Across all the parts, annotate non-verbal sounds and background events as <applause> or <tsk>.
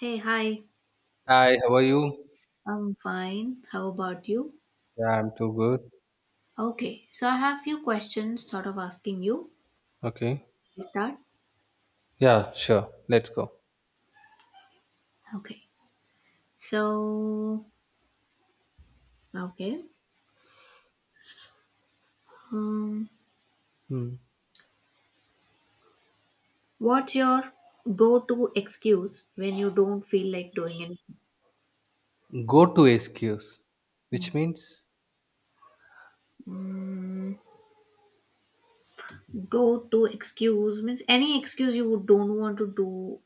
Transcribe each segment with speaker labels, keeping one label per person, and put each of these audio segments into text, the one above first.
Speaker 1: Hey, hi.
Speaker 2: Hi, how are you?
Speaker 1: I'm fine. How about you?
Speaker 2: Yeah, I'm too good.
Speaker 1: Okay, so I have few questions sort of asking you.
Speaker 2: Okay.
Speaker 1: We start?
Speaker 2: Yeah, sure. Let's go.
Speaker 1: Okay. So, okay. Um,
Speaker 2: Hmm.
Speaker 1: what's your go-to excuse when you don't feel like doing anything?
Speaker 2: Go to excuse, which means
Speaker 1: Mm, go-to excuse means any excuse don't want to do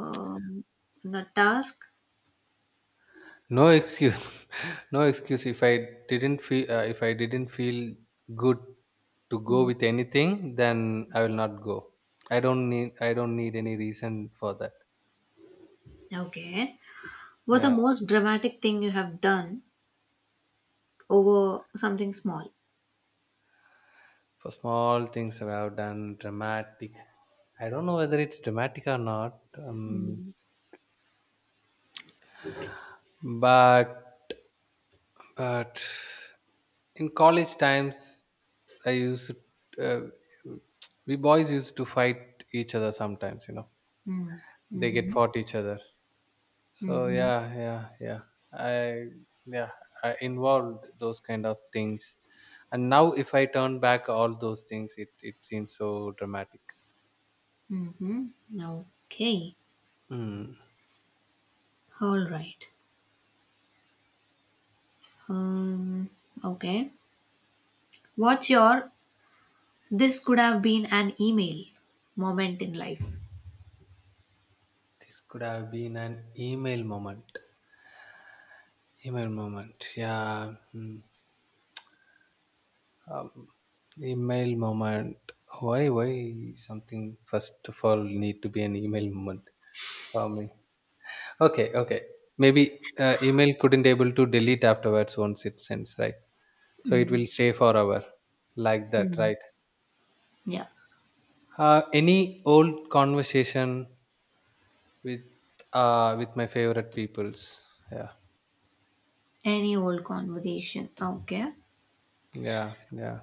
Speaker 1: um, a task.
Speaker 2: no excuse. <laughs> No excuse. If I didn't feel, if I didn't feel good to go
Speaker 1: Mm.
Speaker 2: with anything, then I will not go. I don't need any reason for that.
Speaker 1: Okay. What the
Speaker 2: Yeah.
Speaker 1: most dramatic thing you have done over something small?
Speaker 2: For small things I have done dramatic. I don't know whether it's dramatic or not.
Speaker 1: Mm.
Speaker 2: But but in college times, I used uh, we boys used to fight each other sometimes. You know,
Speaker 1: Mm.
Speaker 2: they get
Speaker 1: Mm-hmm.
Speaker 2: fought each other. So
Speaker 1: Mm-hmm.
Speaker 2: yeah, yeah, yeah. I yeah, I involved those kind of things. And now, if I turn back all those things, it seems so dramatic.
Speaker 1: Mm-hmm. Okay.
Speaker 2: Hmm.
Speaker 1: All right. Um. Okay. What's your This could have been an email moment in life?
Speaker 2: This could have been an email moment. Email moment. Yeah. Hmm. um, email moment, why something first of all need to be an email moment for me? Okay, okay. Maybe email couldn't able to delete afterwards once it sends, right? So it
Speaker 1: Mm-hmm.
Speaker 2: will stay forever like that, right?
Speaker 1: Yeah.
Speaker 2: Any old conversation with with my favorite peoples. yeah
Speaker 1: Any old conversation. Okay.
Speaker 2: yeah yeah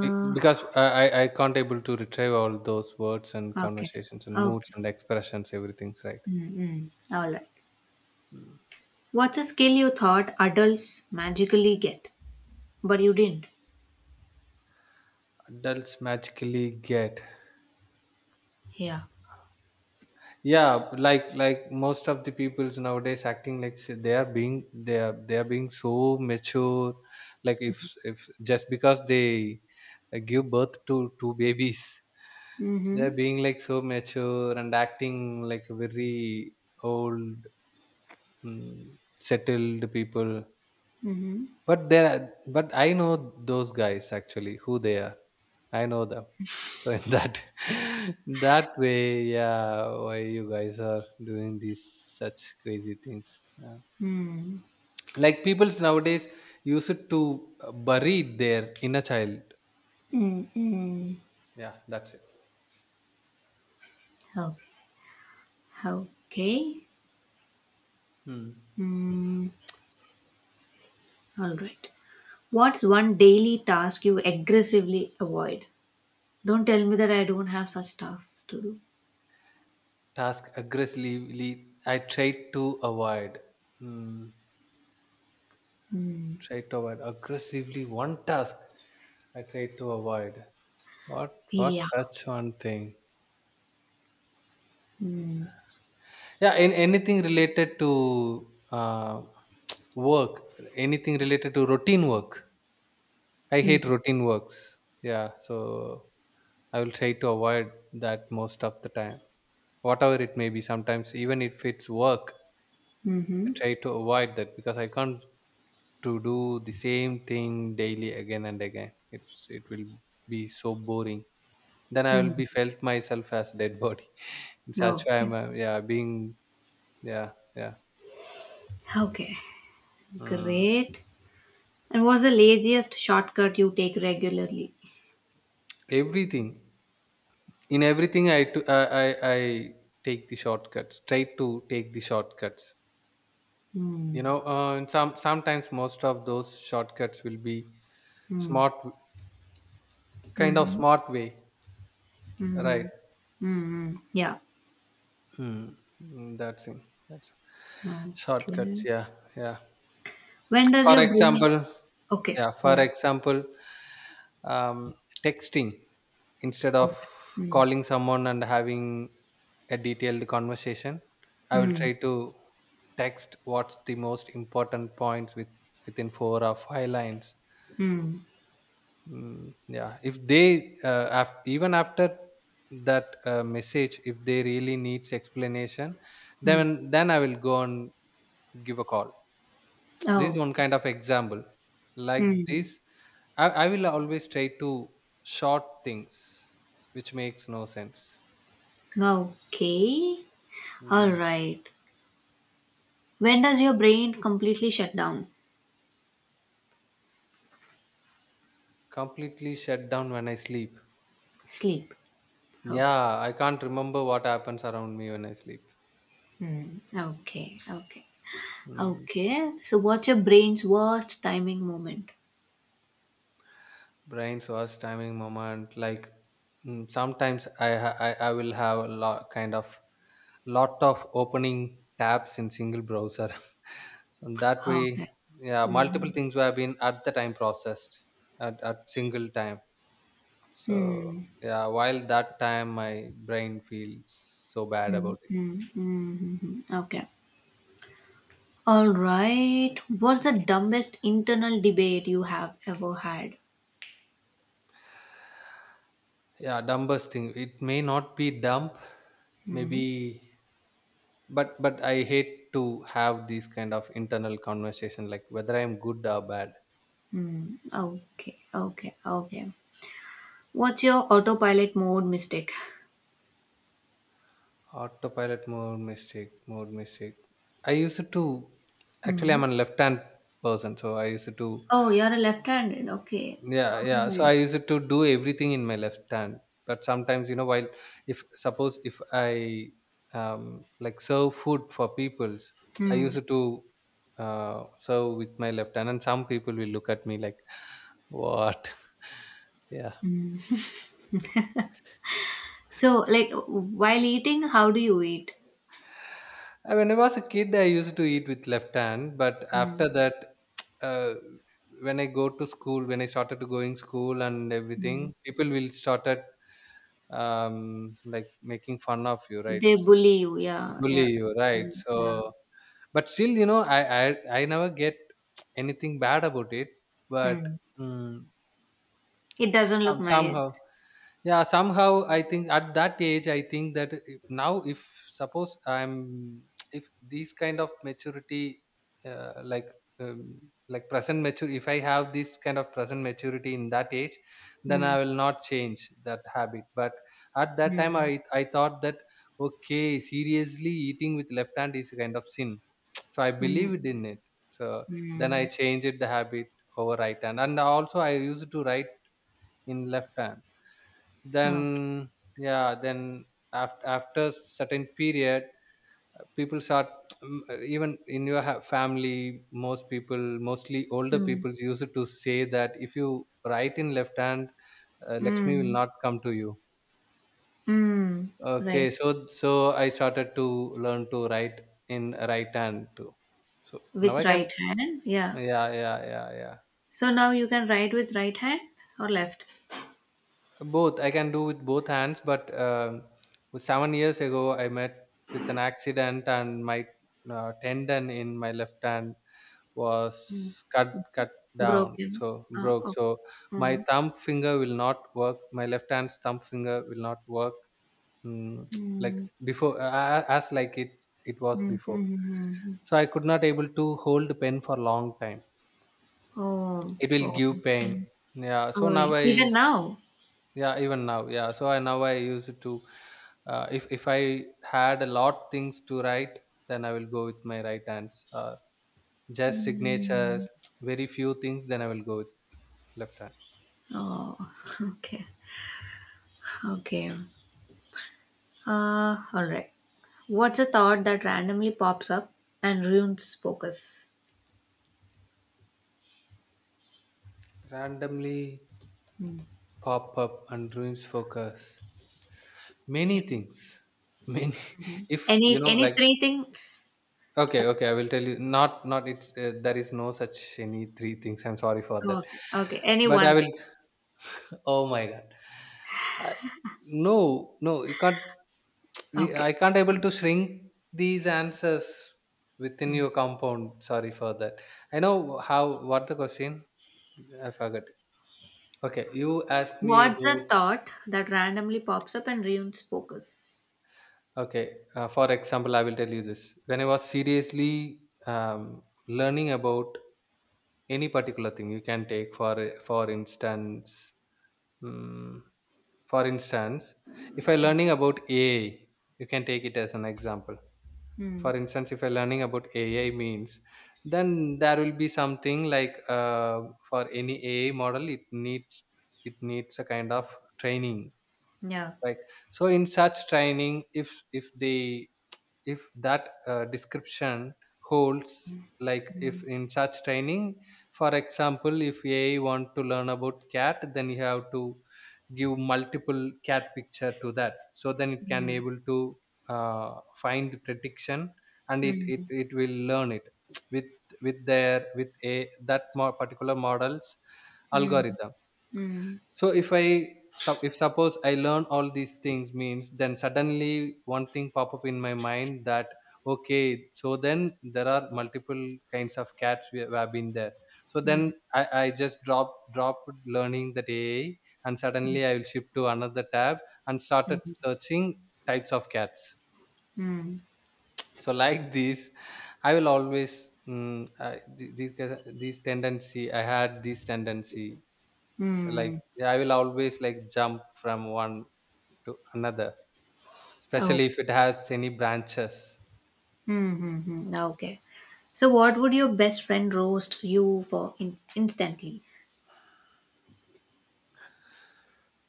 Speaker 2: Be- because I, I i can't able to retrieve all those words and
Speaker 1: okay.
Speaker 2: conversations and moods
Speaker 1: Okay.
Speaker 2: and expressions, everything's right?
Speaker 1: Mm-hmm. All right.
Speaker 2: Hmm.
Speaker 1: What's a skill you thought adults magically get, but you didn't?
Speaker 2: Adults magically get,
Speaker 1: Yeah.
Speaker 2: yeah, like most of the peoples nowadays acting like, say, they are being, they are being so mature. Like, if just because they give birth to two babies, they are
Speaker 1: Mm-hmm.
Speaker 2: being like so mature and acting like very old, mm, settled people.
Speaker 1: Mm-hmm.
Speaker 2: But there are, but I know those guys actually who they are. I know them. So in that <laughs> that way, yeah, why you guys are doing these such crazy things? Yeah.
Speaker 1: Mm-hmm.
Speaker 2: Like people nowadays use it to bury their inner child. Yeah, that's it.
Speaker 1: Mm-hmm. Okay. Okay.
Speaker 2: Hmm.
Speaker 1: Hmm. All right. What's one daily task you aggressively avoid? Don't tell me that I don't have such tasks to do.
Speaker 2: Task aggressively I try to avoid. Hmm.
Speaker 1: Hmm.
Speaker 2: Try to avoid aggressively one task I try to avoid. What
Speaker 1: Yeah.
Speaker 2: such one thing?
Speaker 1: Hmm.
Speaker 2: Yeah, in anything related to <tsk> work, anything related to routine work. I
Speaker 1: Mm,
Speaker 2: hate routine works. Yeah, so I will try to avoid that most of the time. Whatever it may be, sometimes even if it's work, I
Speaker 1: mm-hmm.
Speaker 2: try to avoid that because I can't to do the same thing daily again and again. It will be so boring. Then I will be felt myself as dead body. <laughs>
Speaker 1: Mm.
Speaker 2: That's why
Speaker 1: Okay.
Speaker 2: I'm yeah being, yeah, yeah.
Speaker 1: Okay.
Speaker 2: Mm.
Speaker 1: Great. And what's the laziest shortcut you take regularly?
Speaker 2: Everything. In everything, I take the shortcuts. Try to take the shortcuts.
Speaker 1: Hmm.
Speaker 2: You know, and sometimes most of those shortcuts will be
Speaker 1: Mm,
Speaker 2: smart, kind of
Speaker 1: mm-hmm.
Speaker 2: smart way,
Speaker 1: Mm-hmm.
Speaker 2: right?
Speaker 1: Mm-hmm. Yeah.
Speaker 2: Hmm. Mm, that's it. That's it. Shortcuts.
Speaker 1: Okay.
Speaker 2: Yeah, yeah.
Speaker 1: When does
Speaker 2: For
Speaker 1: your brain?
Speaker 2: example,
Speaker 1: Okay.
Speaker 2: yeah. For
Speaker 1: Yeah.
Speaker 2: example, um, texting instead of
Speaker 1: Okay. Hmm.
Speaker 2: calling someone and having a detailed conversation, I will
Speaker 1: Hmm.
Speaker 2: try to text what's the most important points with within four or five lines.
Speaker 1: Hmm.
Speaker 2: Mm, yeah, if they even after that message if they really needs explanation,
Speaker 1: Hmm.
Speaker 2: then I will go and give a call. This is
Speaker 1: Oh,
Speaker 2: one kind of example. Like
Speaker 1: hmm.
Speaker 2: this, I will always try to short things, which makes no sense.
Speaker 1: Okay. All
Speaker 2: Mm.
Speaker 1: right. When does your brain completely shut down?
Speaker 2: Completely shut down when I sleep.
Speaker 1: Sleep. Okay.
Speaker 2: Yeah, I can't remember what happens around me when I sleep.
Speaker 1: Hmm. Okay. Okay.
Speaker 2: Mm.
Speaker 1: Okay. So, what's your brain's worst timing moment?
Speaker 2: Brain's worst timing moment. Like, mm, sometimes I, ha- I will have a lot kind of lot of opening tabs in single browser. <laughs> So that way,
Speaker 1: Okay.
Speaker 2: yeah,
Speaker 1: Hmm.
Speaker 2: multiple things have been at the time processed at single time. So
Speaker 1: Hmm.
Speaker 2: yeah, while that time my brain feels so bad about it.
Speaker 1: Hmm. Okay. All right. What's the dumbest internal debate you have ever had?
Speaker 2: Yeah, dumbest thing, it may not be dumb
Speaker 1: Hmm.
Speaker 2: maybe, but I hate to have these kind of internal conversation, like whether I am good or bad.
Speaker 1: Hmm. Okay. Okay. Okay. What's your autopilot mode mistake?
Speaker 2: Autopilot mode mistake. I used to, actually
Speaker 1: Mm.
Speaker 2: I'm a left hand person, so I used to.
Speaker 1: Oh, you're a left-handed. Okay.
Speaker 2: Yeah,
Speaker 1: Oh,
Speaker 2: yeah. So I
Speaker 1: nice.
Speaker 2: used to do everything in my left hand. But sometimes, you know, while if suppose if I like serve food for people's, I
Speaker 1: Mm.
Speaker 2: used to serve with my left hand, and some people will look at me like, "What?" <laughs> Yeah.
Speaker 1: So, like, while eating, how do you eat?
Speaker 2: When I was a kid, I used to eat with left hand, but
Speaker 1: Mm.
Speaker 2: after that, <tsk> uh, when I go to school, when I started to going school and
Speaker 1: Mm.
Speaker 2: everything, people will started like making fun of you, right?
Speaker 1: They bully you. Yeah,
Speaker 2: Bully
Speaker 1: yeah,
Speaker 2: you, right?
Speaker 1: mm, yeah.
Speaker 2: So, but still, you know, I never get <tsk> anything bad about it, but
Speaker 1: Mm.
Speaker 2: mm,
Speaker 1: It doesn't look nice.
Speaker 2: somehow, yeah, somehow I think at that age I think that if, now if suppose I'm if these kind of maturity, uh, like um, like present mature, if I have this kind of present maturity in that age, then
Speaker 1: Mm.
Speaker 2: I will not change that habit. But at that time
Speaker 1: Mm.
Speaker 2: i thought that, okay, seriously eating with left hand is a kind of sin. <tsk> So I
Speaker 1: Mm.
Speaker 2: believed in it. So then I
Speaker 1: Mm.
Speaker 2: changed the habit over right hand, and also I used to write in left hand. Then,
Speaker 1: Okay.
Speaker 2: yeah, then after certain period, people start <tsk> even in your ha- family most people, mostly older
Speaker 1: Mm.
Speaker 2: people used to say that if you write in left hand, lakshmi will
Speaker 1: Mm.
Speaker 2: not come to you.
Speaker 1: Mm.
Speaker 2: Okay,
Speaker 1: Right.
Speaker 2: so I started to learn to write in right hand too. So now
Speaker 1: With
Speaker 2: I can,
Speaker 1: right hand. Yeah.
Speaker 2: yeah.
Speaker 1: So now you can write with right hand or left.
Speaker 2: Both I can do with both hands, but 7 years ago I met with an accident and my tendon in my left hand was cut down,
Speaker 1: Broken.
Speaker 2: so broke.
Speaker 1: Oh.
Speaker 2: So my
Speaker 1: Mm.
Speaker 2: thumb finger will not work. My left hand's thumb finger will not work. Mm, <tsk> like
Speaker 1: Mm.
Speaker 2: before, as like it was
Speaker 1: Mhm,
Speaker 2: before.
Speaker 1: mhm, mhm.
Speaker 2: So I could not able to hold pen for long time.
Speaker 1: Oh,
Speaker 2: It will
Speaker 1: oh,
Speaker 2: give pain. Yeah. So
Speaker 1: oh, y
Speaker 2: now I,
Speaker 1: even now?
Speaker 2: yeah, even now. Yeah, so I now I use it to, if I had a lot things to write, then I will go with my right hands. Just signatures,
Speaker 1: Mm.
Speaker 2: very few things, then I will go with left hand.
Speaker 1: Oh, <laughs> okay, okay. Alright. What's a thought that randomly pops up and ruins focus?
Speaker 2: Randomly
Speaker 1: Mm.
Speaker 2: pop up and ruins focus, many
Speaker 1: Yeah.
Speaker 2: things, many.
Speaker 1: Mhm.
Speaker 2: <laughs> If you know,
Speaker 1: Any
Speaker 2: like,
Speaker 1: three things?
Speaker 2: okay, okay, I will tell you, not not it's there is no such any three things. I'm sorry for
Speaker 1: Oh,
Speaker 2: that,
Speaker 1: okay, okay. Any
Speaker 2: but I
Speaker 1: one thing.
Speaker 2: will <laughs> oh my god, I, no, no, you can't. We, I
Speaker 1: Okay.
Speaker 2: can't able to shrink these answers within your
Speaker 1: Mm.
Speaker 2: compound. Sorry for that. I know how. What the question? I forgot. Okay, you asked me
Speaker 1: What's a
Speaker 2: about.
Speaker 1: thought that randomly pops up and ruins focus?
Speaker 2: Okay, for example, I will tell you this. When I was seriously learning about any particular thing, you can take for instance, mm for instance, if I learning about AI, you can take it as an example.
Speaker 1: Mm.
Speaker 2: For instance, if you're learning about AI means, then there will be something like for any AI model, it needs a kind of training,
Speaker 1: Yeah.
Speaker 2: right? So in such training, if they if that description holds, like if in such training, for example, if ai want to learn about cat, then you have to give multiple cat picture to that, so then it can
Speaker 1: Mm.
Speaker 2: able to uh, find the prediction, and it, it
Speaker 1: Mm.
Speaker 2: it will learn it with with their with a that more particular models
Speaker 1: Mm.
Speaker 2: algorithm.
Speaker 1: Mm.
Speaker 2: So if I sup- if suppose I learn all these things means, then suddenly one thing pop up in my mind that okay, so then there are multiple kinds of cats we have been there, so then
Speaker 1: Mm.
Speaker 2: I just dropped learning that ai and suddenly I will shift to another tab and started
Speaker 1: Mhm.
Speaker 2: searching types of cats.
Speaker 1: Mm.
Speaker 2: So like this, I will always, mm, I, th- these guys- these tendency, I had this tendency. So like,
Speaker 1: Mm.
Speaker 2: I will always like jump from one to another,
Speaker 1: Oh.
Speaker 2: especially if it has any branches.
Speaker 1: Mm-hmm. Okay. So, what would your best friend roast you for instantly?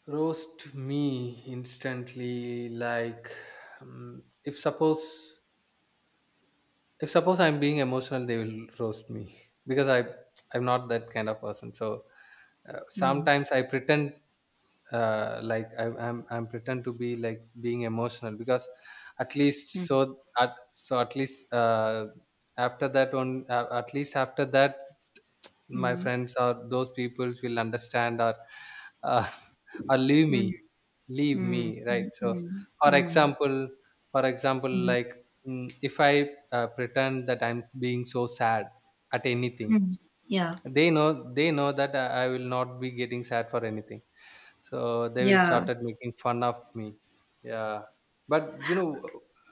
Speaker 2: Roast me instantly, like if suppose, if suppose I'm being emotional, they will roast me <laughs> because I, I'm not that kind of person. So
Speaker 1: Mm.
Speaker 2: sometimes I pretend, like I'm pretend to be like being emotional because at least,
Speaker 1: Mm.
Speaker 2: so at least, after that one, at least after that my
Speaker 1: Mm.
Speaker 2: friends or those people will understand or, uh, <laughs> or leave
Speaker 1: Mm.
Speaker 2: me, leave
Speaker 1: Mm.
Speaker 2: me, right?
Speaker 1: Mm.
Speaker 2: So
Speaker 1: Mm.
Speaker 2: for
Speaker 1: Mm.
Speaker 2: example, for example,
Speaker 1: Mhm.
Speaker 2: like, mm, if I pretend that I'm being so sad at anything,
Speaker 1: Mm. Yeah.
Speaker 2: they know that I will not be getting sad for anything, so they will
Speaker 1: Yeah.
Speaker 2: started making fun of me. Yeah, but you know,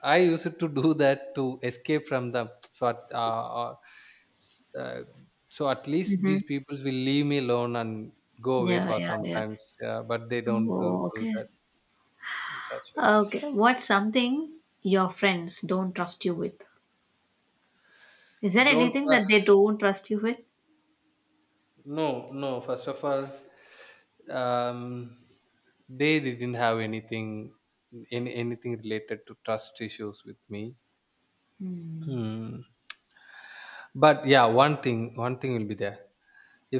Speaker 2: I used to do <laughs> that to escape from them. <tsk> So at, s- uh, so at least
Speaker 1: Mm-hmm.
Speaker 2: these people will leave me alone and go away
Speaker 1: Yeah.
Speaker 2: for
Speaker 1: Yeah. Yeah.
Speaker 2: sometimes. Yeah, but they don't do,
Speaker 1: Oh.
Speaker 2: do
Speaker 1: Okay.
Speaker 2: that in such ways.
Speaker 1: Okay. What's something your friends don't trust you with? Is there
Speaker 2: Don't
Speaker 1: anything that they
Speaker 2: trust.
Speaker 1: don't trust you with?
Speaker 2: No, no. First of all, um, they didn't have anything, anything related to trust issues with me.
Speaker 1: Mm.
Speaker 2: Hmm. But yeah, one thing will be there.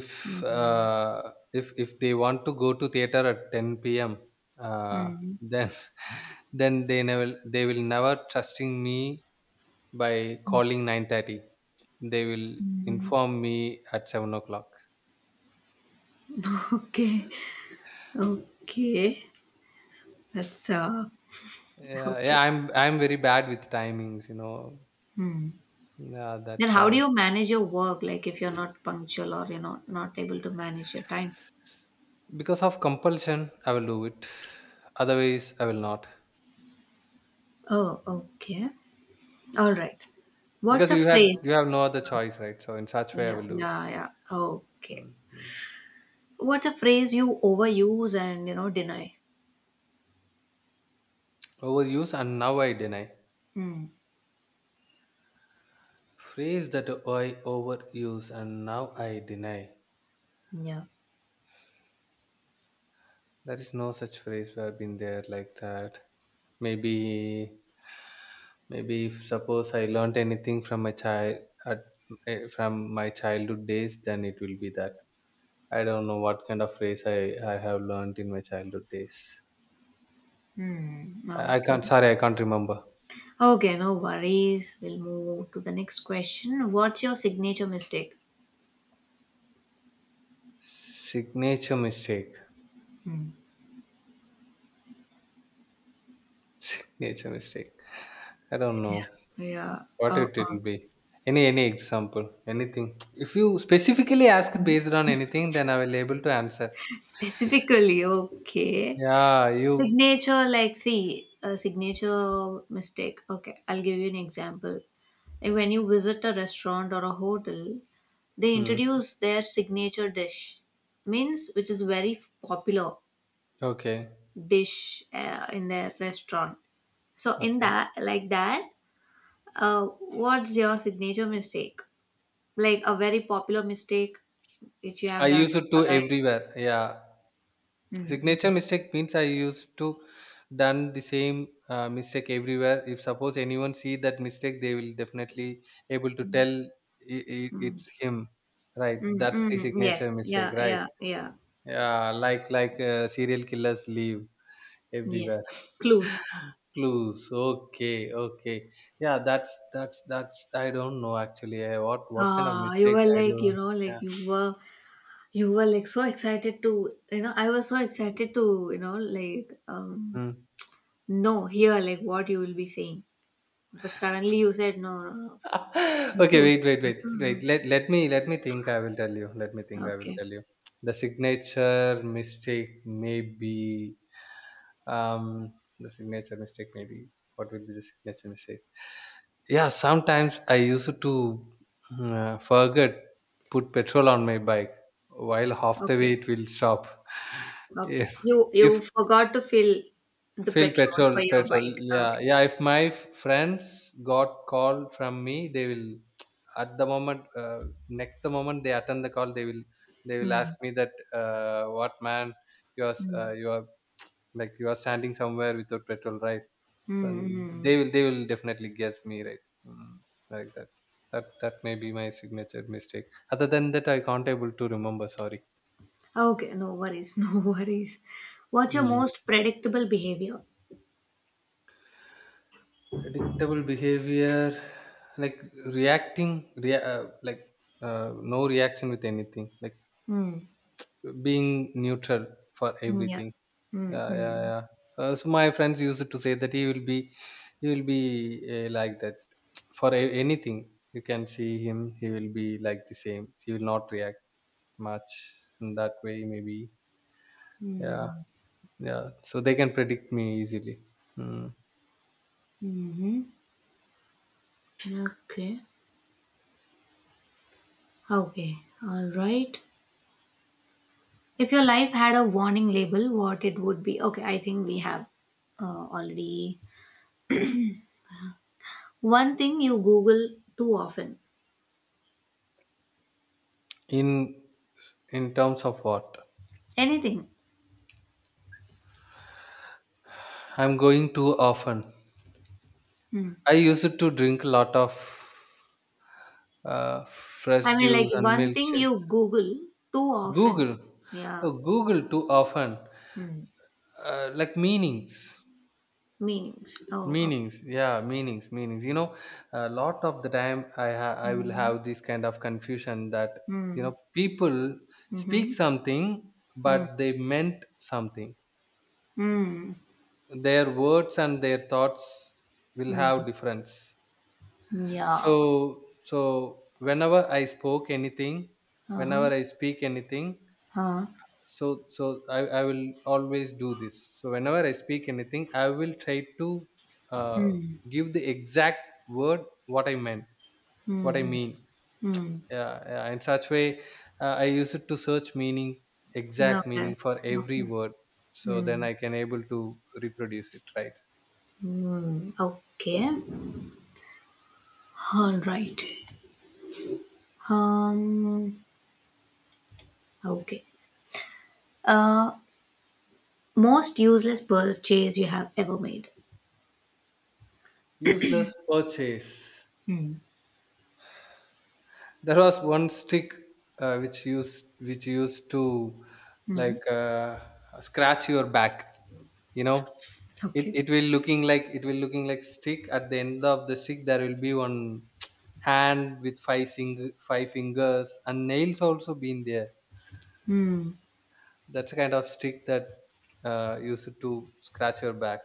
Speaker 2: If they want to go to theater at 10 p.m., uh,
Speaker 1: Mm.
Speaker 2: then <laughs> then they will never trusting me by calling 9:30. They will inform me at 7 o'clock.
Speaker 1: <laughs> Okay. Okay. That's
Speaker 2: Yeah, yeah,
Speaker 1: okay.
Speaker 2: I'm very bad with timings.
Speaker 1: Hmm.
Speaker 2: Yeah,
Speaker 1: Then
Speaker 2: that's
Speaker 1: how do
Speaker 2: how.
Speaker 1: you manage your work? Like if you're not punctual or you're not able to manage your time.
Speaker 2: Because of compulsion, I will do it. Otherwise, I will not.
Speaker 1: Oh, okay. All right. What's
Speaker 2: Because
Speaker 1: a
Speaker 2: you have
Speaker 1: phrase?
Speaker 2: no other choice, right? So in such way, I
Speaker 1: Yeah,
Speaker 2: will do it.
Speaker 1: yeah, yeah. Okay.
Speaker 2: Mhm.
Speaker 1: What's a phrase you overuse and you know deny?
Speaker 2: Overuse and now I deny.
Speaker 1: Hmm.
Speaker 2: Phrase that I overuse and now I deny.
Speaker 1: Yeah.
Speaker 2: There is no such phrase where I've been there like that. Maybe maybe if suppose I learnt anything at from my childhood days, then it will be that I don't know what kind of phrase I have learned in my childhood days.
Speaker 1: Hmm.
Speaker 2: I
Speaker 1: Okay.
Speaker 2: can't, sorry, I can't remember.
Speaker 1: Okay. No worries. We'll move to the next question. What's your signature mistake?
Speaker 2: Signature mistake.
Speaker 1: Hmm.
Speaker 2: Signature mistake. I don't know
Speaker 1: Yeah.
Speaker 2: what it will be. Any example, anything. If you specifically ask it based on anything, then I will able to answer.
Speaker 1: <laughs> Specifically, okay.
Speaker 2: Yeah, you.
Speaker 1: Signature, like, see, a signature mistake. Okay, I'll give you an example. Like when you visit a restaurant or a hotel, they
Speaker 2: Hmm.
Speaker 1: introduce their signature dish, means which is very popular
Speaker 2: Okay.
Speaker 1: dish in their restaurant. So in
Speaker 2: Okay.
Speaker 1: that, like that, uh, what's your signature mistake? Like a very popular mistake which you
Speaker 2: I
Speaker 1: have done
Speaker 2: use
Speaker 1: in
Speaker 2: it
Speaker 1: your
Speaker 2: to
Speaker 1: life.
Speaker 2: everywhere. Yeah.
Speaker 1: Mm, mm,
Speaker 2: Signature
Speaker 1: mm,
Speaker 2: mistake means I used to done the same mistake everywhere. If suppose anyone see that mistake, they will definitely able to tell, i- i-
Speaker 1: mm,
Speaker 2: it's him, right? That's the
Speaker 1: mm. Yes,
Speaker 2: signature mistake,
Speaker 1: yeah,
Speaker 2: right?
Speaker 1: yeah, yeah.
Speaker 2: Yeah, like serial killers leave everywhere.
Speaker 1: Yes, clues.
Speaker 2: <laughs> Clues. okay. Okay. Yeah, that's I don't know actually, I what kind of
Speaker 1: Ah, you
Speaker 2: mistake
Speaker 1: were
Speaker 2: I
Speaker 1: like, you
Speaker 2: don't.
Speaker 1: know,
Speaker 2: Yeah.
Speaker 1: you were like so excited to, you know, I was so excited to, you know,
Speaker 2: Hmm.
Speaker 1: no, hear like what you will be saying. But suddenly you said, no, no, no,
Speaker 2: <laughs>
Speaker 1: I
Speaker 2: Okay,
Speaker 1: don't,
Speaker 2: wait, wait,
Speaker 1: I
Speaker 2: wait, wait.
Speaker 1: don't
Speaker 2: Let me think. I will tell you. Let me
Speaker 1: know.
Speaker 2: think. I will
Speaker 1: Okay,
Speaker 2: tell you. The signature mistake may be, um the signature mistake may be, what will be the signature mistake? Yeah, sometimes I used to forget put petrol on my bike while half the way
Speaker 1: okay,
Speaker 2: it will stop. <laughs>
Speaker 1: okay.
Speaker 2: If
Speaker 1: You,
Speaker 2: if
Speaker 1: you forgot to fill the
Speaker 2: Fill
Speaker 1: petrol
Speaker 2: petrol,
Speaker 1: for your
Speaker 2: petrol.
Speaker 1: bike.
Speaker 2: Yeah,
Speaker 1: Okay.
Speaker 2: yeah. If my friends got call from me, they will at the moment, next the moment they attend the call, they will ask
Speaker 1: Hmm.
Speaker 2: me that, what man, you are s-
Speaker 1: Hmm.
Speaker 2: uh, you are like you are standing somewhere without petrol, right? So
Speaker 1: Hmm.
Speaker 2: and
Speaker 1: mm.
Speaker 2: they will definitely guess me, right? Mm, like that. That may be my signature mistake. Other than that, I can't able to remember. Sorry.
Speaker 1: Okay, no worries, <laughs> no worries. What's your most predictable behavior?
Speaker 2: Predictable behavior, like reacting, like no reaction with anything, like
Speaker 1: Hmm.
Speaker 2: being neutral for
Speaker 1: Yeah.
Speaker 2: everything. Yeah, yeah,
Speaker 1: Mm-hmm.
Speaker 2: yeah, so my friends used to say that he will be like that for anything. You can see him, he will be like the same, he will not react much, in that way, maybe. Yeah,
Speaker 1: Mm,
Speaker 2: yeah, so they can predict me easily. Mm.
Speaker 1: mhm. Okay. Okay. All right. If your life had a warning label, what it would be? Okay, I think we have already one thing you Google too often.
Speaker 2: in in terms of what?
Speaker 1: Anything.
Speaker 2: I'm going too often?
Speaker 1: Mm.
Speaker 2: I used to drink a lot of uh, fresh
Speaker 1: I mean, like
Speaker 2: juice and
Speaker 1: one thing
Speaker 2: milkshakes.
Speaker 1: you Google too often.
Speaker 2: Google?
Speaker 1: Yeah.
Speaker 2: Oh, Google too often.
Speaker 1: Mm.
Speaker 2: Like, meanings,
Speaker 1: Meanings. Oh. Okay.
Speaker 2: meanings. Yeah, meanings, meanings. You know, a lot of the time I will
Speaker 1: Mm.
Speaker 2: have this kind of confusion that, you
Speaker 1: Mm.
Speaker 2: know, people
Speaker 1: Mm-hmm.
Speaker 2: speak something
Speaker 1: Mm.
Speaker 2: but they meant something.
Speaker 1: Mm.
Speaker 2: Their words and their thoughts will
Speaker 1: Mm.
Speaker 2: have difference.
Speaker 1: Yeah.
Speaker 2: So
Speaker 1: Uh-huh.
Speaker 2: whenever I speak anything,
Speaker 1: Uh-huh.
Speaker 2: so I will always do this. So whenever I speak anything, I will try to uh,
Speaker 1: Mm.
Speaker 2: give the exact word what I meant, what I
Speaker 1: Mm.
Speaker 2: mean.
Speaker 1: Mm.
Speaker 2: Yeah, yeah, in such way, I use it to search meaning, exact
Speaker 1: Okay.
Speaker 2: meaning for every
Speaker 1: Okay.
Speaker 2: word. So then
Speaker 1: Mm.
Speaker 2: I can able to reproduce it right.
Speaker 1: Mm. Okay. All right. Um. Okay. Uh. Most useless purchase you have ever made.
Speaker 2: Useless purchase.
Speaker 1: Hmm.
Speaker 2: There was one stick, which used to,
Speaker 1: Hmm.
Speaker 2: like, scratch your back. You know, it
Speaker 1: Okay.
Speaker 2: it will looking like stick. At the end of the stick, there will be one <tsk> hand with five fingers, and nails also been there.
Speaker 1: Hmm.
Speaker 2: That's a kind of stick that used to scratch your back.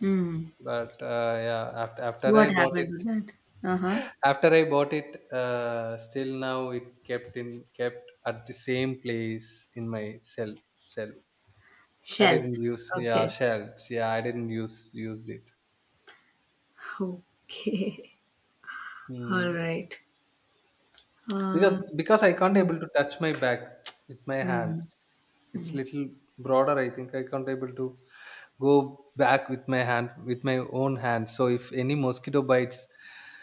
Speaker 1: Hmm.
Speaker 2: But yeah, after
Speaker 1: What
Speaker 2: I bought
Speaker 1: happened to
Speaker 2: it.
Speaker 1: that? Uh huh.
Speaker 2: After I bought it, still now it kept at the same place in my shelf. Shelf. I
Speaker 1: Shelf.
Speaker 2: didn't use, yeah,
Speaker 1: Okay.
Speaker 2: shelves. Yeah, I didn't used it.
Speaker 1: Okay. <laughs> All
Speaker 2: Mm.
Speaker 1: right.
Speaker 2: Because
Speaker 1: Uh,
Speaker 2: because I can't
Speaker 1: hmm.
Speaker 2: able to touch my bag <tsk> with my
Speaker 1: Hmm.
Speaker 2: hands. It's
Speaker 1: Hmm.
Speaker 2: little broader. I think I can't able to go back with my own hand, so if any mosquito bites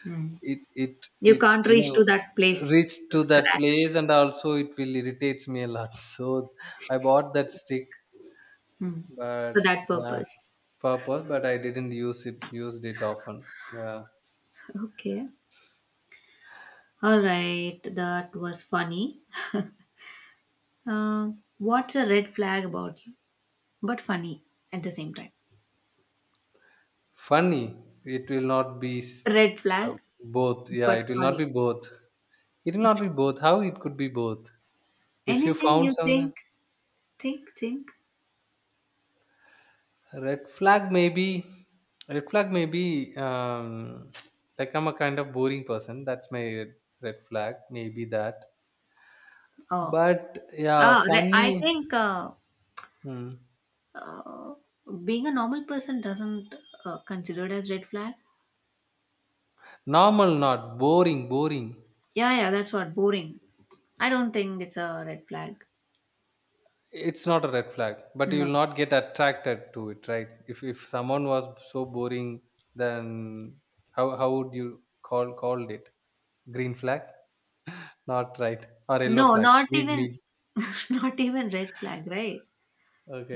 Speaker 1: Hmm.
Speaker 2: it it
Speaker 1: You
Speaker 2: it
Speaker 1: can't
Speaker 2: you
Speaker 1: reach to that
Speaker 2: know
Speaker 1: place
Speaker 2: reach
Speaker 1: to
Speaker 2: to that
Speaker 1: scratch.
Speaker 2: place, and also it will irritates me a lot <laughs> so I bought that stick.
Speaker 1: Hmm.
Speaker 2: but
Speaker 1: For that
Speaker 2: uh,
Speaker 1: purpose.
Speaker 2: purpose, but I didn't used it often. Yeah.
Speaker 1: Okay. All right. That was funny. Uh, what's a red flag about you? But funny at the same time.
Speaker 2: Funny, it will not be
Speaker 1: Red
Speaker 2: uh,
Speaker 1: flag,
Speaker 2: both. Yeah,
Speaker 1: but
Speaker 2: it will not
Speaker 1: funny.
Speaker 2: be both. It will not be both. How it could be both? If you
Speaker 1: Anything
Speaker 2: found
Speaker 1: you
Speaker 2: something.
Speaker 1: think? Think, think.
Speaker 2: Red flag maybe red flag maybe, <tsk> like I'm a kind of boring person. That's my red flag. Maybe that.
Speaker 1: Oh.
Speaker 2: But yeah,
Speaker 1: I
Speaker 2: funny.
Speaker 1: think
Speaker 2: Hmm.
Speaker 1: uh, being a normal person doesn't considered as red flag.
Speaker 2: Normal, not boring. Boring.
Speaker 1: Yeah, yeah, that's what. Boring. I don't think it's a red flag.
Speaker 2: It's not a red flag, but you
Speaker 1: No.
Speaker 2: will not get attracted to it, right? If someone was so boring, then how would you called it? Green flag, not right, or yellow
Speaker 1: No,
Speaker 2: flag?
Speaker 1: not
Speaker 2: Mid,
Speaker 1: even,
Speaker 2: mid.
Speaker 1: <laughs> not even red flag, right?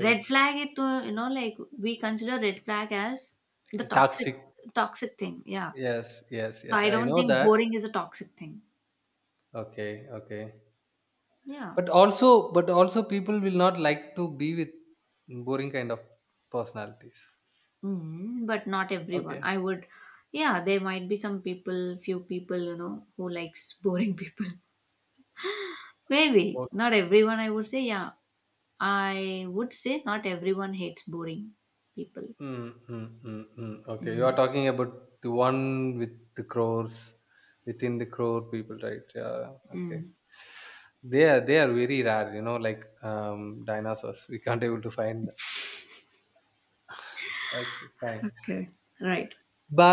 Speaker 1: Red flag it to you know like we consider red flag as the
Speaker 2: Toxic.
Speaker 1: toxic thing. Yeah.
Speaker 2: Yes, yes,
Speaker 1: So
Speaker 2: yes.
Speaker 1: I
Speaker 2: I
Speaker 1: don't
Speaker 2: know
Speaker 1: think
Speaker 2: that.
Speaker 1: boring is a toxic thing.
Speaker 2: Okay, okay.
Speaker 1: Yeah.
Speaker 2: But also, people will not like to be with boring kind of personalities.
Speaker 1: Mm, but not everyone.
Speaker 2: Okay.
Speaker 1: I would Yeah, there might be some people, few people, you know, who likes boring people. <laughs> Maybe.
Speaker 2: o-
Speaker 1: Not everyone I would say, yeah. I would say not everyone hates boring people.
Speaker 2: Mm, mm, mm, mm. Okay, you are
Speaker 1: Mm,
Speaker 2: talking about the one with the crows, within the crow people, right? Yeah. Okay.
Speaker 1: mm.
Speaker 2: They are very rare, you know, like dinosaurs. We can't able to find them. Okay, fine.
Speaker 1: Okay. Right.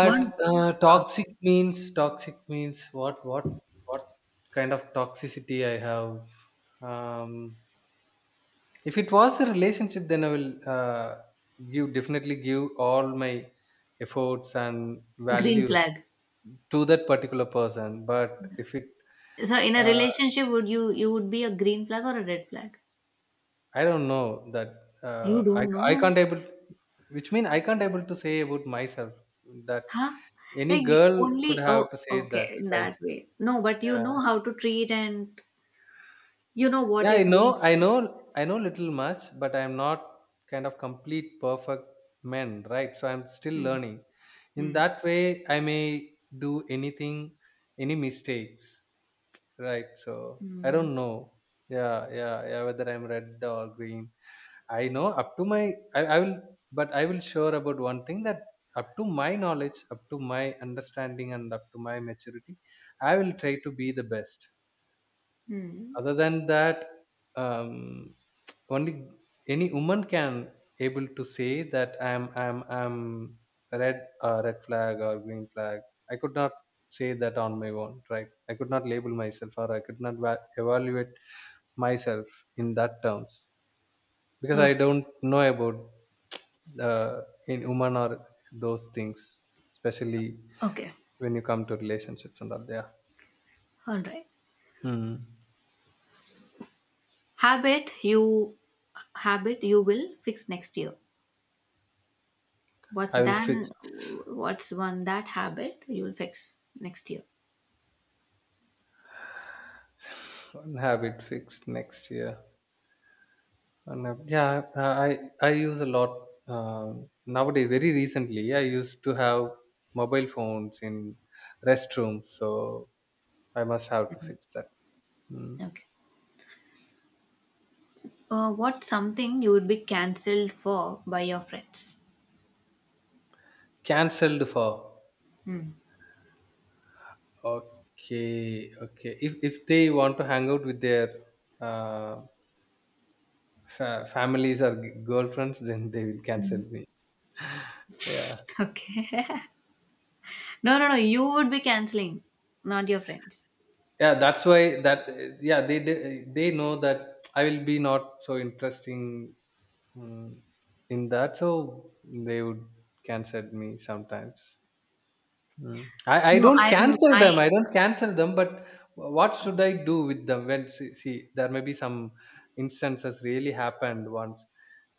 Speaker 1: One
Speaker 2: uh,
Speaker 1: ah,
Speaker 2: toxic means what kind of toxicity I have. Um, if it was a relationship, then I will give definitely give all my efforts and
Speaker 1: green
Speaker 2: values
Speaker 1: flag.
Speaker 2: to that particular person. But if it,
Speaker 1: So in a
Speaker 2: uh,
Speaker 1: relationship, would you would be a green flag or a red flag?
Speaker 2: I don't know that,
Speaker 1: You
Speaker 2: I
Speaker 1: don't
Speaker 2: I
Speaker 1: know,
Speaker 2: can't able, which mean I can't able to say about myself that
Speaker 1: huh?
Speaker 2: any
Speaker 1: Like you
Speaker 2: girl could
Speaker 1: only oh
Speaker 2: have to say that,
Speaker 1: okay in
Speaker 2: right?
Speaker 1: that way. No, but you
Speaker 2: Yeah,
Speaker 1: know how to treat and you know what
Speaker 2: yeah,
Speaker 1: you're
Speaker 2: I
Speaker 1: doing,
Speaker 2: know, I
Speaker 1: right?
Speaker 2: know, I know little much, but I'm not kind of complete perfect man, right? So I'm still
Speaker 1: Mm,
Speaker 2: learning. In
Speaker 1: mm,
Speaker 2: that way, I may do anything, any mistakes, right? So I
Speaker 1: mm,
Speaker 2: don't know. Yeah, yeah, yeah. Whether I'm red or green, I know up to my. I will, but I will sure about one thing that up to my knowledge, up to my understanding, and up to my maturity, I will try to be the best.
Speaker 1: mm.
Speaker 2: Other than that, um, only any woman can able to say that I'm red flag or green flag. I could not say that on my own, right? I could not label myself, or I could not evaluate myself in that terms, because I
Speaker 1: Okay,
Speaker 2: don't know about, in woman or those things, especially
Speaker 1: okay,
Speaker 2: when you come to relationships and all. Yeah.
Speaker 1: all right.
Speaker 2: Hmm.
Speaker 1: Habit you habit you will fix next year. What's
Speaker 2: I will fix
Speaker 1: done? What's one that habit you will fix next year?
Speaker 2: <sighs> one habit fixed next year. And yeah, I use a lot, uh, nowadays. Very recently, I used to have mobile phones in restrooms, so I must have to fix that. Mm.
Speaker 1: Okay. What's something you would be cancelled for by your friends?
Speaker 2: Cancelled for.
Speaker 1: Hmm.
Speaker 2: Okay, okay. If they want to hang out with their uh, families or girlfriends, <laughs> then they will cancel me. <laughs> Yeah,
Speaker 1: Okay. <laughs> No, no, no. You would be cancelling, not your friends.
Speaker 2: yeah. That's why that, yeah, they know that I will be not so interesting. Mm, in that so they would cancel me sometimes. Mm. I
Speaker 1: No,
Speaker 2: don't
Speaker 1: I'm.
Speaker 2: cancel
Speaker 1: I.
Speaker 2: them, but what should I do with them? When see, see there may be some instances really happened. once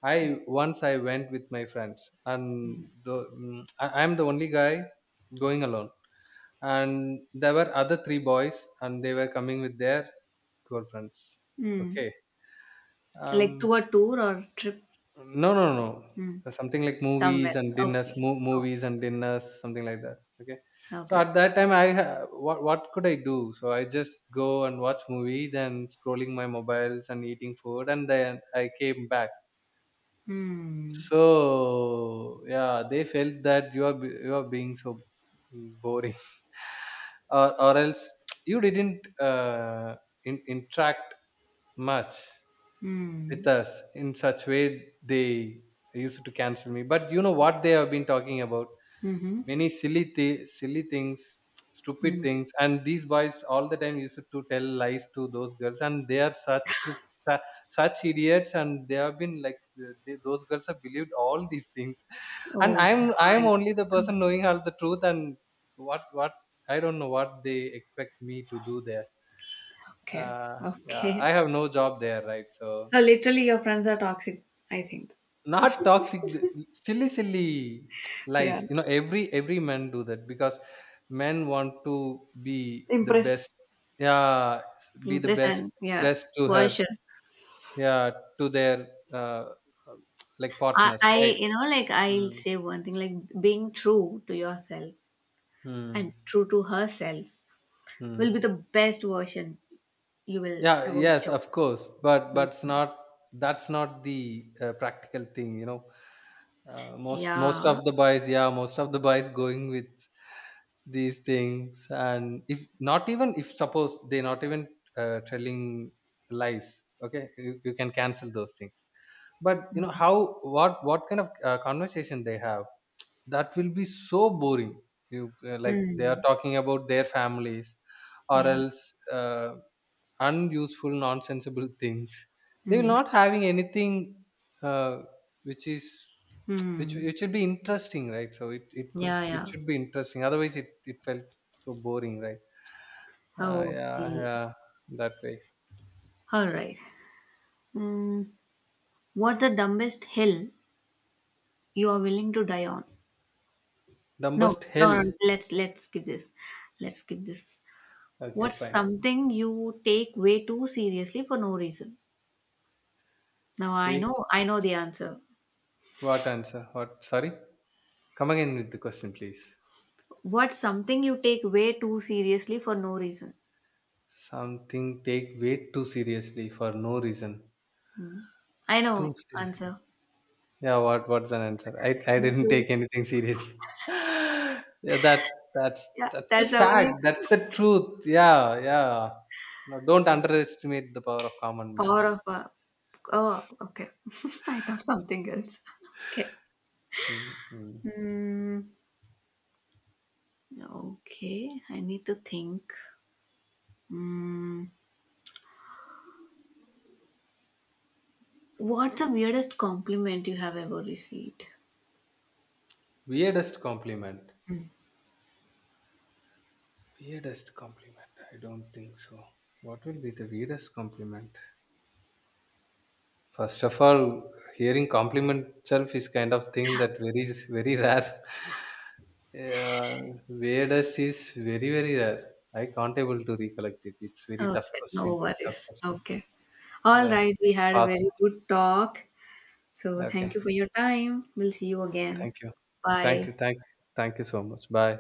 Speaker 2: i once i went with my friends and, I'm the only guy going alone, and there were other three boys and they were coming with their girlfriends.
Speaker 1: Hmm.
Speaker 2: Okay.
Speaker 1: Like
Speaker 2: um
Speaker 1: to a tour or trip.
Speaker 2: No, no, no.
Speaker 1: Hmm.
Speaker 2: Something like
Speaker 1: Somewhere.
Speaker 2: movies and dinners,
Speaker 1: Okay.
Speaker 2: mo-
Speaker 1: Okay.
Speaker 2: movies and dinners, something like that. Okay. So
Speaker 1: Okay.
Speaker 2: at that time, I ha- what could I do? So I just go and watch movie, then scrolling my mobiles and eating food, and then I came back.
Speaker 1: Hmm.
Speaker 2: So yeah, they felt that you are being so boring, <laughs> or else <tsk> you didn't, interact much. With
Speaker 1: Hmm.
Speaker 2: us. In such way they used to cancel me, but you know what they have been talking about?
Speaker 1: Mm-hmm.
Speaker 2: Many silly things, stupid
Speaker 1: Hmm.
Speaker 2: things. And these boys all the time used to tell lies to those girls, and they are such idiots, and they have been like, those girls have believed all these things, and
Speaker 1: Oh
Speaker 2: I'm
Speaker 1: my.
Speaker 2: only the person knowing all the truth, and what I don't know what they expect me to do there.
Speaker 1: Okay.
Speaker 2: uh, yeah,
Speaker 1: Okay.
Speaker 2: I have no job there, right, so.
Speaker 1: So literally, your friends are toxic. I think.
Speaker 2: Not toxic, silly, silly
Speaker 1: Yeah.
Speaker 2: lies. You know, every man do that because men want to be the best.
Speaker 1: Impress.
Speaker 2: Yeah, be the
Speaker 1: Impress
Speaker 2: best,
Speaker 1: and yeah.
Speaker 2: best to
Speaker 1: Boy,
Speaker 2: her.
Speaker 1: sure.
Speaker 2: Yeah, to their, uh, like,
Speaker 1: I,
Speaker 2: partners,
Speaker 1: I
Speaker 2: right?
Speaker 1: you know like I'll
Speaker 2: Mm,
Speaker 1: say one thing like being true to yourself and
Speaker 2: mm,
Speaker 1: true to herself will be
Speaker 2: mm.
Speaker 1: the best version you will
Speaker 2: Yeah,
Speaker 1: ever
Speaker 2: yes,
Speaker 1: show.
Speaker 2: of course, but
Speaker 1: Mm.
Speaker 2: but it's not that's not the practical thing. Most
Speaker 1: Yeah.
Speaker 2: of the boys, yeah, most of the boys going with these things, and if suppose they not even telling lies, okay, you can cancel those things. But you know how what kind of conversation they have, that will be so boring. You Like, they are
Speaker 1: Mm.
Speaker 2: talking about their families or
Speaker 1: Yeah.
Speaker 2: else unuseful nonsensible things. They will
Speaker 1: Mm.
Speaker 2: not having anything, uh, which is
Speaker 1: Mm.
Speaker 2: which should be interesting, right? So it could
Speaker 1: Yeah.
Speaker 2: it
Speaker 1: Yeah.
Speaker 2: should be interesting. Otherwise, it felt so boring, right? Yeah,
Speaker 1: Okay.
Speaker 2: yeah, that way.
Speaker 1: All right. Mm. What the dumbest hill you are willing to die on? No,
Speaker 2: Dumbest
Speaker 1: no, no.
Speaker 2: hell.
Speaker 1: Let's skip this. Let's skip this.
Speaker 2: Okay,
Speaker 1: What's
Speaker 2: fine.
Speaker 1: something you take way too seriously for no reason? Now
Speaker 2: Take,
Speaker 1: I know the answer.
Speaker 2: what answer? What? Sorry, come again with the question please.
Speaker 1: What's something you take way too seriously for no reason?
Speaker 2: Something take weight too seriously for no reason.
Speaker 1: I
Speaker 2: Too
Speaker 1: know
Speaker 2: serious.
Speaker 1: answer.
Speaker 2: Yeah, what's an answer? I didn't
Speaker 1: Mhm.
Speaker 2: take anything serious. <laughs> Yeah, that's
Speaker 1: Yeah,
Speaker 2: that's a
Speaker 1: that's the only
Speaker 2: fact. That's the truth. Yeah, yeah. No, don't underestimate the power of common man.
Speaker 1: power of. Oh, okay. <laughs> I thought something else. Okay.
Speaker 2: Mm-hmm.
Speaker 1: Mm, okay, I need to think. Mm, what's the weirdest compliment you have ever received?
Speaker 2: Weirdest compliment. Weirdest compliment. I don't think so. What will be the weirdest compliment? First of all, hearing compliment itself is kind of thing that very very rare. Yeah, weirdest is very, very rare. I can't able to recollect it. It's very tough
Speaker 1: Okay, no
Speaker 2: question. Tough
Speaker 1: worries.
Speaker 2: question.
Speaker 1: Okay. All
Speaker 2: Yeah.
Speaker 1: right, we had a
Speaker 2: Pass.
Speaker 1: very good talk. So,
Speaker 2: Okay.
Speaker 1: thank you for your time. We'll see you again.
Speaker 2: Thank you. Thank you.
Speaker 1: Bye.
Speaker 2: Thank you so much. Bye.